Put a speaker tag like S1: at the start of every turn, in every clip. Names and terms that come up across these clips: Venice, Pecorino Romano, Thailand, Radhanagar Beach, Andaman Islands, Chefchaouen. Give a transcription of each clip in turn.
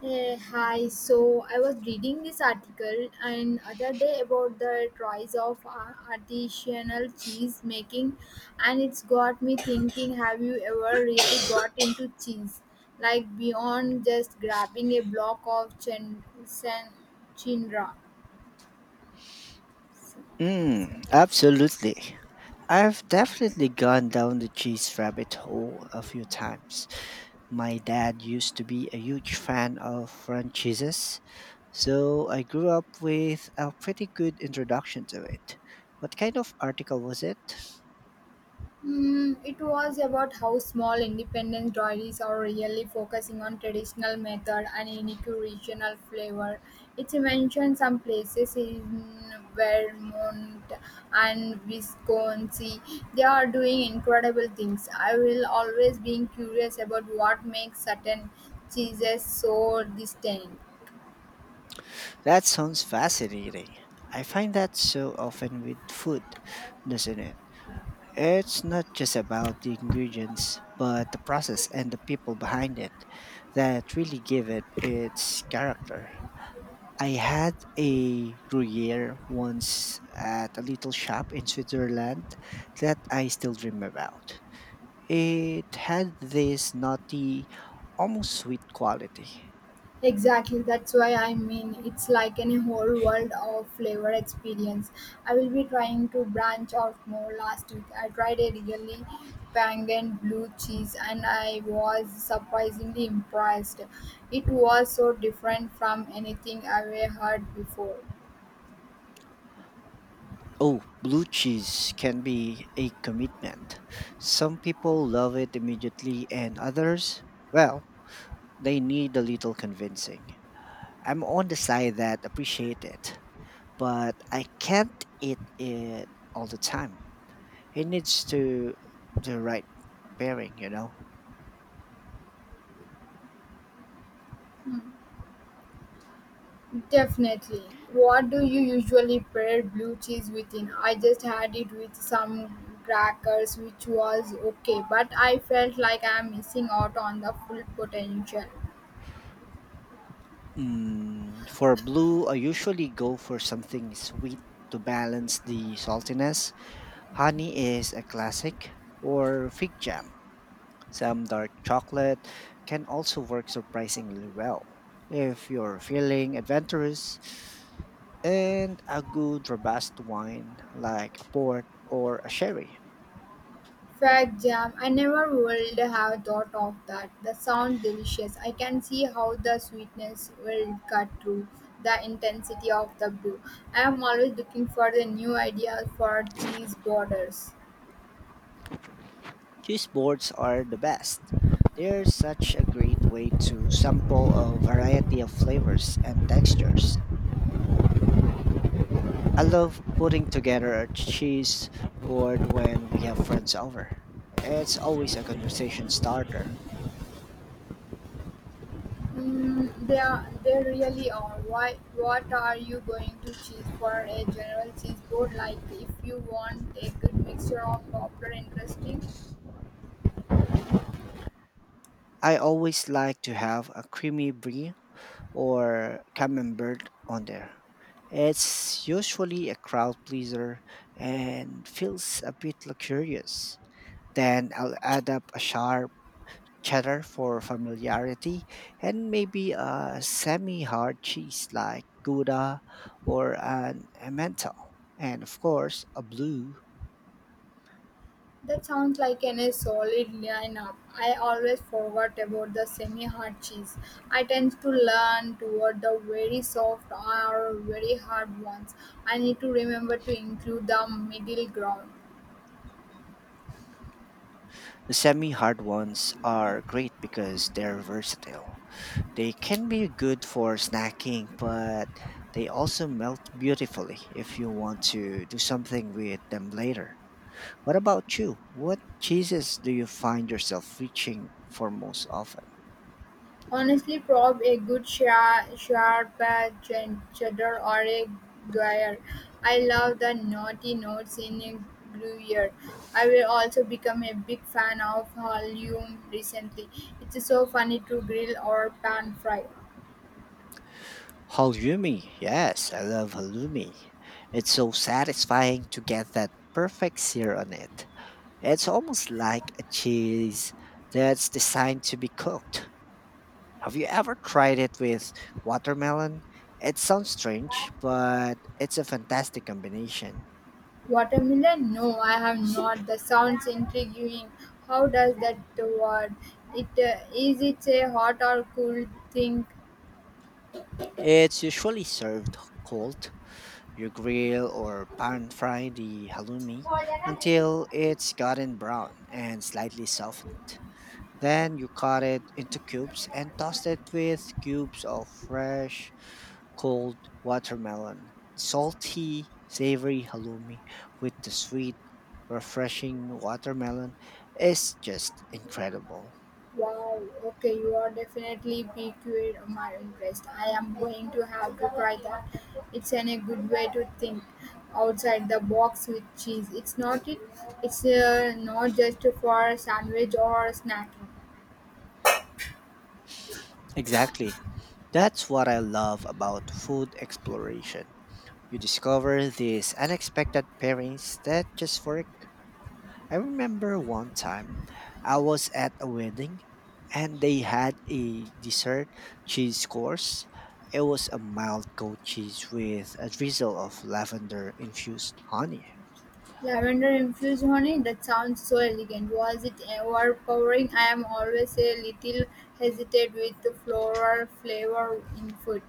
S1: Hey, hi. So I was reading this article and other day about the rise of artisanal cheese making, and it's got me thinking. Have you ever really got into cheese, like beyond just grabbing a block of chinra?
S2: Mm, absolutely. I've definitely gone down the cheese rabbit hole a few times. My dad used to be a huge fan of French cheeses, so I grew up with a pretty good introduction to it. What kind of article was it?
S1: Mm, it was about how small independent dairies are really focusing on traditional method and unique regional flavor. It mentioned some places in Vermont and Wisconsin. They are doing incredible things. I will always be curious about what makes certain cheeses so distinct.
S2: That sounds fascinating. I find that so often with food, doesn't it? It's not just about the ingredients, but the process and the people behind it that really give it its character. I had a Gruyere once at a little shop in Switzerland that I still dream about. It had this nutty, almost sweet quality.
S1: Exactly, that's why I mean it's like in a whole world of flavor experience. I will be trying to branch out more last week. I tried a really pungent blue cheese and I was surprisingly impressed. It was so different from anything I've heard before.
S2: Oh, blue cheese can be a commitment. Some people love it immediately, and others, well, they need a little convincing. I'm on the side that appreciate it, but I can't eat it all the time. It needs to the right pairing,
S1: Definitely. What do you usually pair blue cheese within? I just had it with some crackers, which was okay, but I felt like I'm missing out on the full potential.
S2: Mm, for blue, I usually go for something sweet to balance the saltiness. Honey is a classic, or fig jam. Some dark chocolate can also work surprisingly well. If you're feeling adventurous, and a good robust wine like a port or a sherry.
S1: Fact jam, I never would have thought of that. The sound delicious. I can see how the sweetness will cut through the intensity of the blue. I am always looking for the new ideas for cheese borders.
S2: Cheese boards are the best. They're such a great way to sample a variety of flavors and textures. I love putting together a cheese board when we have friends over. It's always a conversation starter.
S1: Mm, they really are. Why? What are you going to choose for a general cheese board? Like, if you want a good mixture of popular interesting,
S2: I always like to have a creamy brie or camembert on there. It's usually a crowd pleaser and feels a bit luxurious. Then I'll add up a sharp cheddar for familiarity and maybe a semi hard cheese like Gouda or an Emmental. And of course, a blue.
S1: that sounds like a solid lineup. I always forgot about the semi-hard cheese. I tend to lean toward the very soft or very hard ones. I need to remember to include the middle ground.
S2: The semi hard ones are great because they're versatile. They can be good for snacking, but they also melt beautifully if you want to do something with them later. What about you? What cheeses do you find yourself reaching for most often?
S1: Honestly, prob a good sharp cheddar or a gruyere. I love the naughty notes in a gruyere. I will also become a big fan of Halium recently. It's so funny to grill or pan fry.
S2: Halloumi. Yes, I love halloumi. It's so satisfying to get that perfect sear on it. It's almost like a cheese that's designed to be cooked. Have you ever tried it with watermelon? It sounds strange, but it's a fantastic combination.
S1: Watermelon? No, I have not. The sounds intriguing. How does that word? It is it a hot or cool thing?
S2: It's usually served cold. You grill or pan fry the halloumi until it's gotten brown and slightly softened. Then you cut it into cubes and toss it with cubes of fresh cold watermelon, salty, savory halloumi with the sweet, refreshing watermelon is just incredible.
S1: Wow, okay, you are definitely piqued my interest. I am going to have to try that. It's a good way to think outside the box with cheese. It's not it. It's not just for a sandwich or snacking.
S2: Exactly. That's what I love about food exploration. You discover these unexpected pairings that just work. I remember one time I was at a wedding and they had a dessert cheese course. It was a mild goat cheese with a drizzle of lavender infused honey.
S1: Lavender infused honey. That sounds so elegant. Was it overpowering? I am always a little hesitant with the floral flavor in food.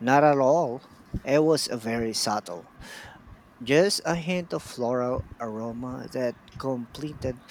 S2: Not at all. It was a very subtle, just a hint of floral aroma that completed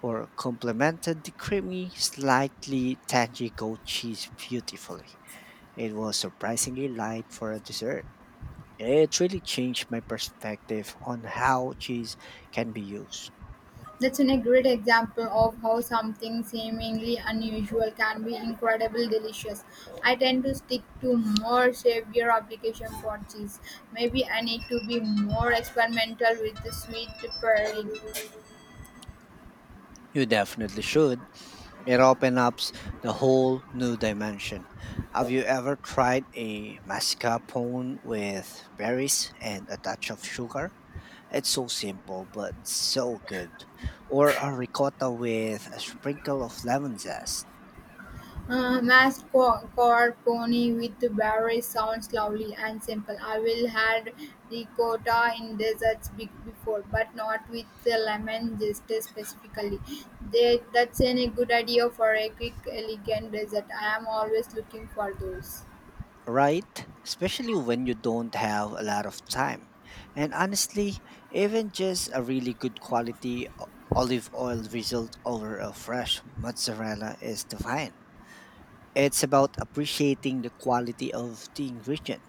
S2: or complemented the creamy, slightly tangy goat cheese beautifully. It was surprisingly light for a dessert. It really changed my perspective on how cheese can be used.
S1: That's a great example of how something seemingly unusual can be incredibly delicious. I tend to stick to more severe application for cheese. Maybe I need to be more experimental with the sweet pairing.
S2: You definitely should. It opens up the whole new dimension. Have you ever tried a mascarpone with berries and a touch of sugar? It's so simple but so good. Or a ricotta with a sprinkle of lemon zest.
S1: Mass core pony with berries sounds lovely and simple. I will had ricotta in desserts before, but not with the lemon just specifically. That's a good idea for a quick, elegant dessert. I am always looking for those.
S2: Right? Especially when you don't have a lot of time. And honestly, even just a really good quality olive oil result over a fresh mozzarella is divine. It's about appreciating the quality of the ingredient.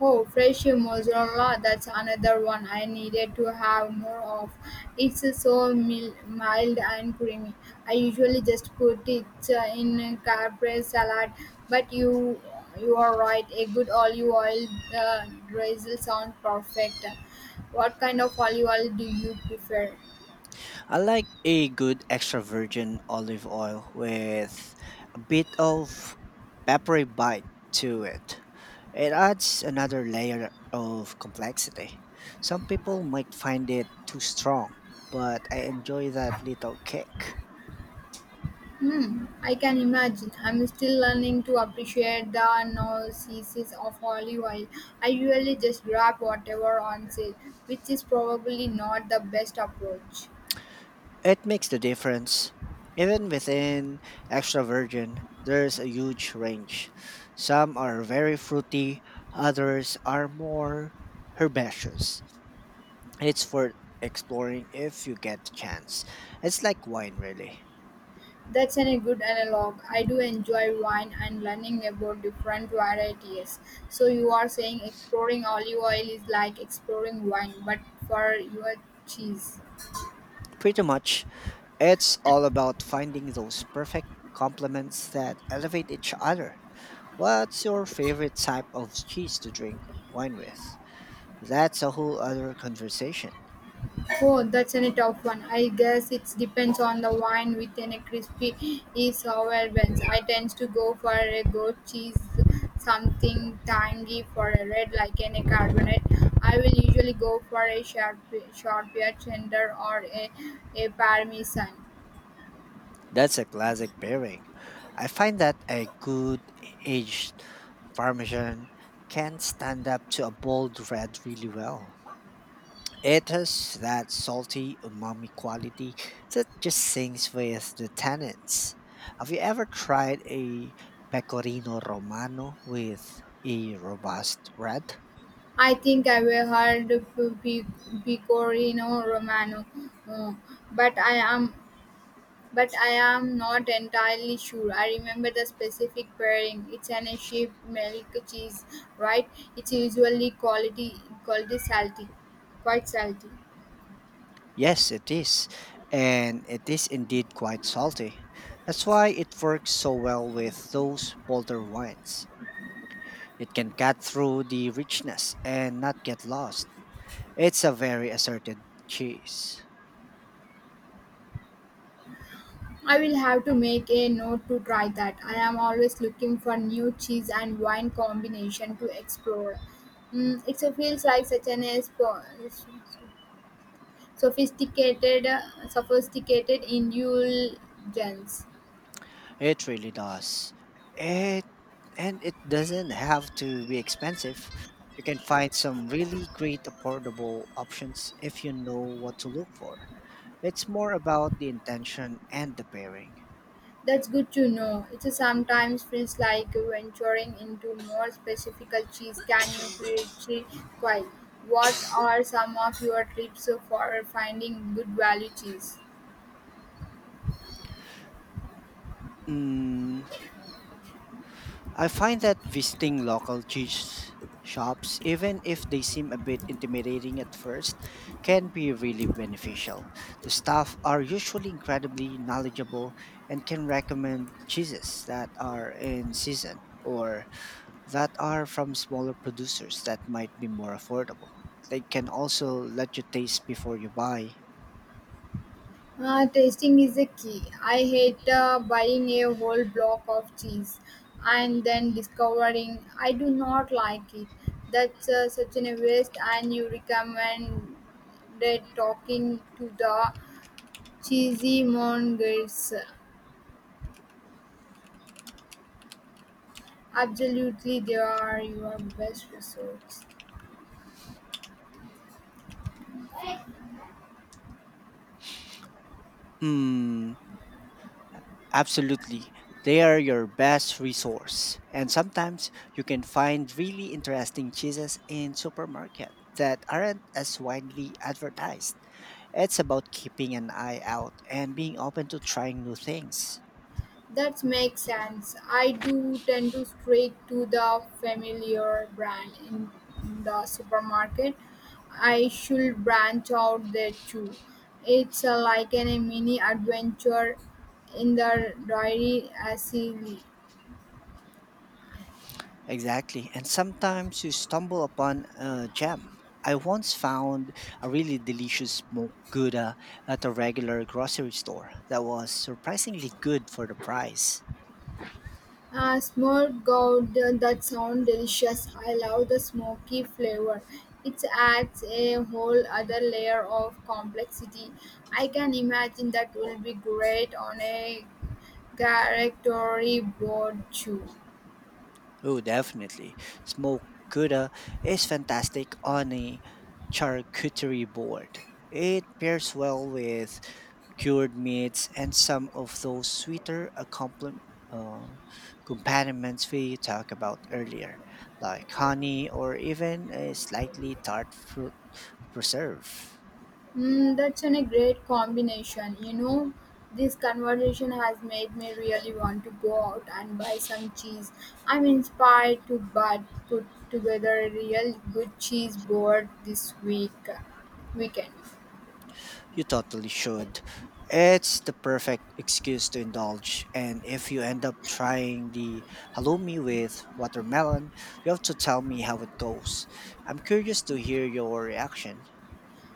S1: Oh, fresh mozzarella, that's another one I needed to have more of. It's so mild and creamy. I usually just put it in caprese salad, but you are right, a good olive oil drizzle sounds perfect. What kind of olive oil do you prefer?
S2: I like a good extra virgin olive oil with a bit of peppery bite to it. It adds another layer of complexity. Some people might find it too strong, but I enjoy that little kick.
S1: Hmm, I can imagine. I'm still learning to appreciate the nuances of olive oil. I usually just grab whatever on sale, which is probably not the best approach.
S2: It makes the difference. Even within extra virgin, there's a huge range. Some are very fruity, others are more herbaceous. It's for exploring if you get the chance. It's like wine, really.
S1: That's a good analog. I do enjoy wine and learning about different varieties. So you are saying exploring olive oil is like exploring wine, but for your cheese.
S2: Pretty much. It's all about finding those perfect complements that elevate each other. What's your favorite type of cheese to drink wine with? That's a whole other conversation.
S1: Oh, that's a tough one. I guess it depends on the wine within a crispy is sour buns. I tend to go for a goat cheese, something tangy for a red like in a carbonate. I will usually go for a sharp beer tender or a parmesan.
S2: That's a classic pairing. I find that a good aged Parmesan can stand up to a bold red really well. It has that salty umami quality that just sings with the tannins. Have you ever tried a pecorino romano with a robust red?
S1: I think I will heard Pecorino Romano, uh, but I am But I am not entirely sure. I remember the specific pairing. It's an a sheep milk cheese, right? It's usually quality salty, quite salty.
S2: Yes, it is. And it is indeed quite salty. That's why it works so well with those bolder wines. It can cut through the richness and not get lost. It's a very asserted cheese.
S1: I will have to make a note to try that. I am always looking for new cheese and wine combination to explore. Mm, it so feels like such an a sophisticated, sophisticated indulgence.
S2: It really does. And it doesn't have to be expensive. You can find some really great affordable options if you know what to look for. It's more about the intention and the pairing.
S1: That's good to know. It sometimes feels like venturing into more specific cheese. Can you pre-quite? What are some of your tips for finding good value cheese?
S2: Mm, I find that visiting local cheese shops, even if they seem a bit intimidating at first, can be really beneficial. The staff are usually incredibly knowledgeable and can recommend cheeses that are in season or that are from smaller producers that might be more affordable. They can also let you taste before you buy.
S1: Tasting is the key. I hate buying a whole block of cheese and then discovering I do not like it. That's such an waste. And you recommend that talking to the cheesy mongers. Absolutely, they are your best resource.
S2: Mm, absolutely. They are your best resource. And sometimes you can find really interesting cheeses in supermarket that aren't as widely advertised. It's about keeping an eye out and being open to trying new things.
S1: That makes sense. I do tend to stray to the familiar brand in the supermarket. I should branch out there too. It's like a mini adventure in the diary as silly.
S2: Exactly. And sometimes you stumble upon a gem. I once found a really delicious smoked gouda at a regular grocery store that was surprisingly good for the price.
S1: Ah, smorgasbord, that sounds delicious. I love the smoky flavor. It adds a whole other layer of complexity. I can imagine that will be great on a character board too.
S2: Oh, definitely. Smoked gouda is fantastic on a charcuterie board. It pairs well with cured meats, and some of those uh, accompaniments we talked about earlier, like honey or even a slightly tart fruit preserve.
S1: Mm, that's a great combination. You know, this conversation has made me really want to go out and buy some cheese. I'm inspired to but put together a real good cheese board this week weekend.
S2: You totally should. It's the perfect excuse to indulge, and if you end up trying the halloumi with watermelon, you have to tell me how it goes. I'm curious to hear your reaction.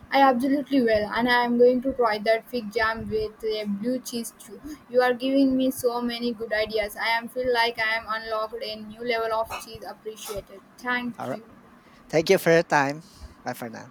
S1: I absolutely will, and I am going to try that fig jam with a blue cheese too. You are giving me so many good ideas. I am feel like I am unlocked a new level of cheese appreciated.
S2: All
S1: Thank
S2: right.
S1: you.
S2: Thank you for your time. Bye for now.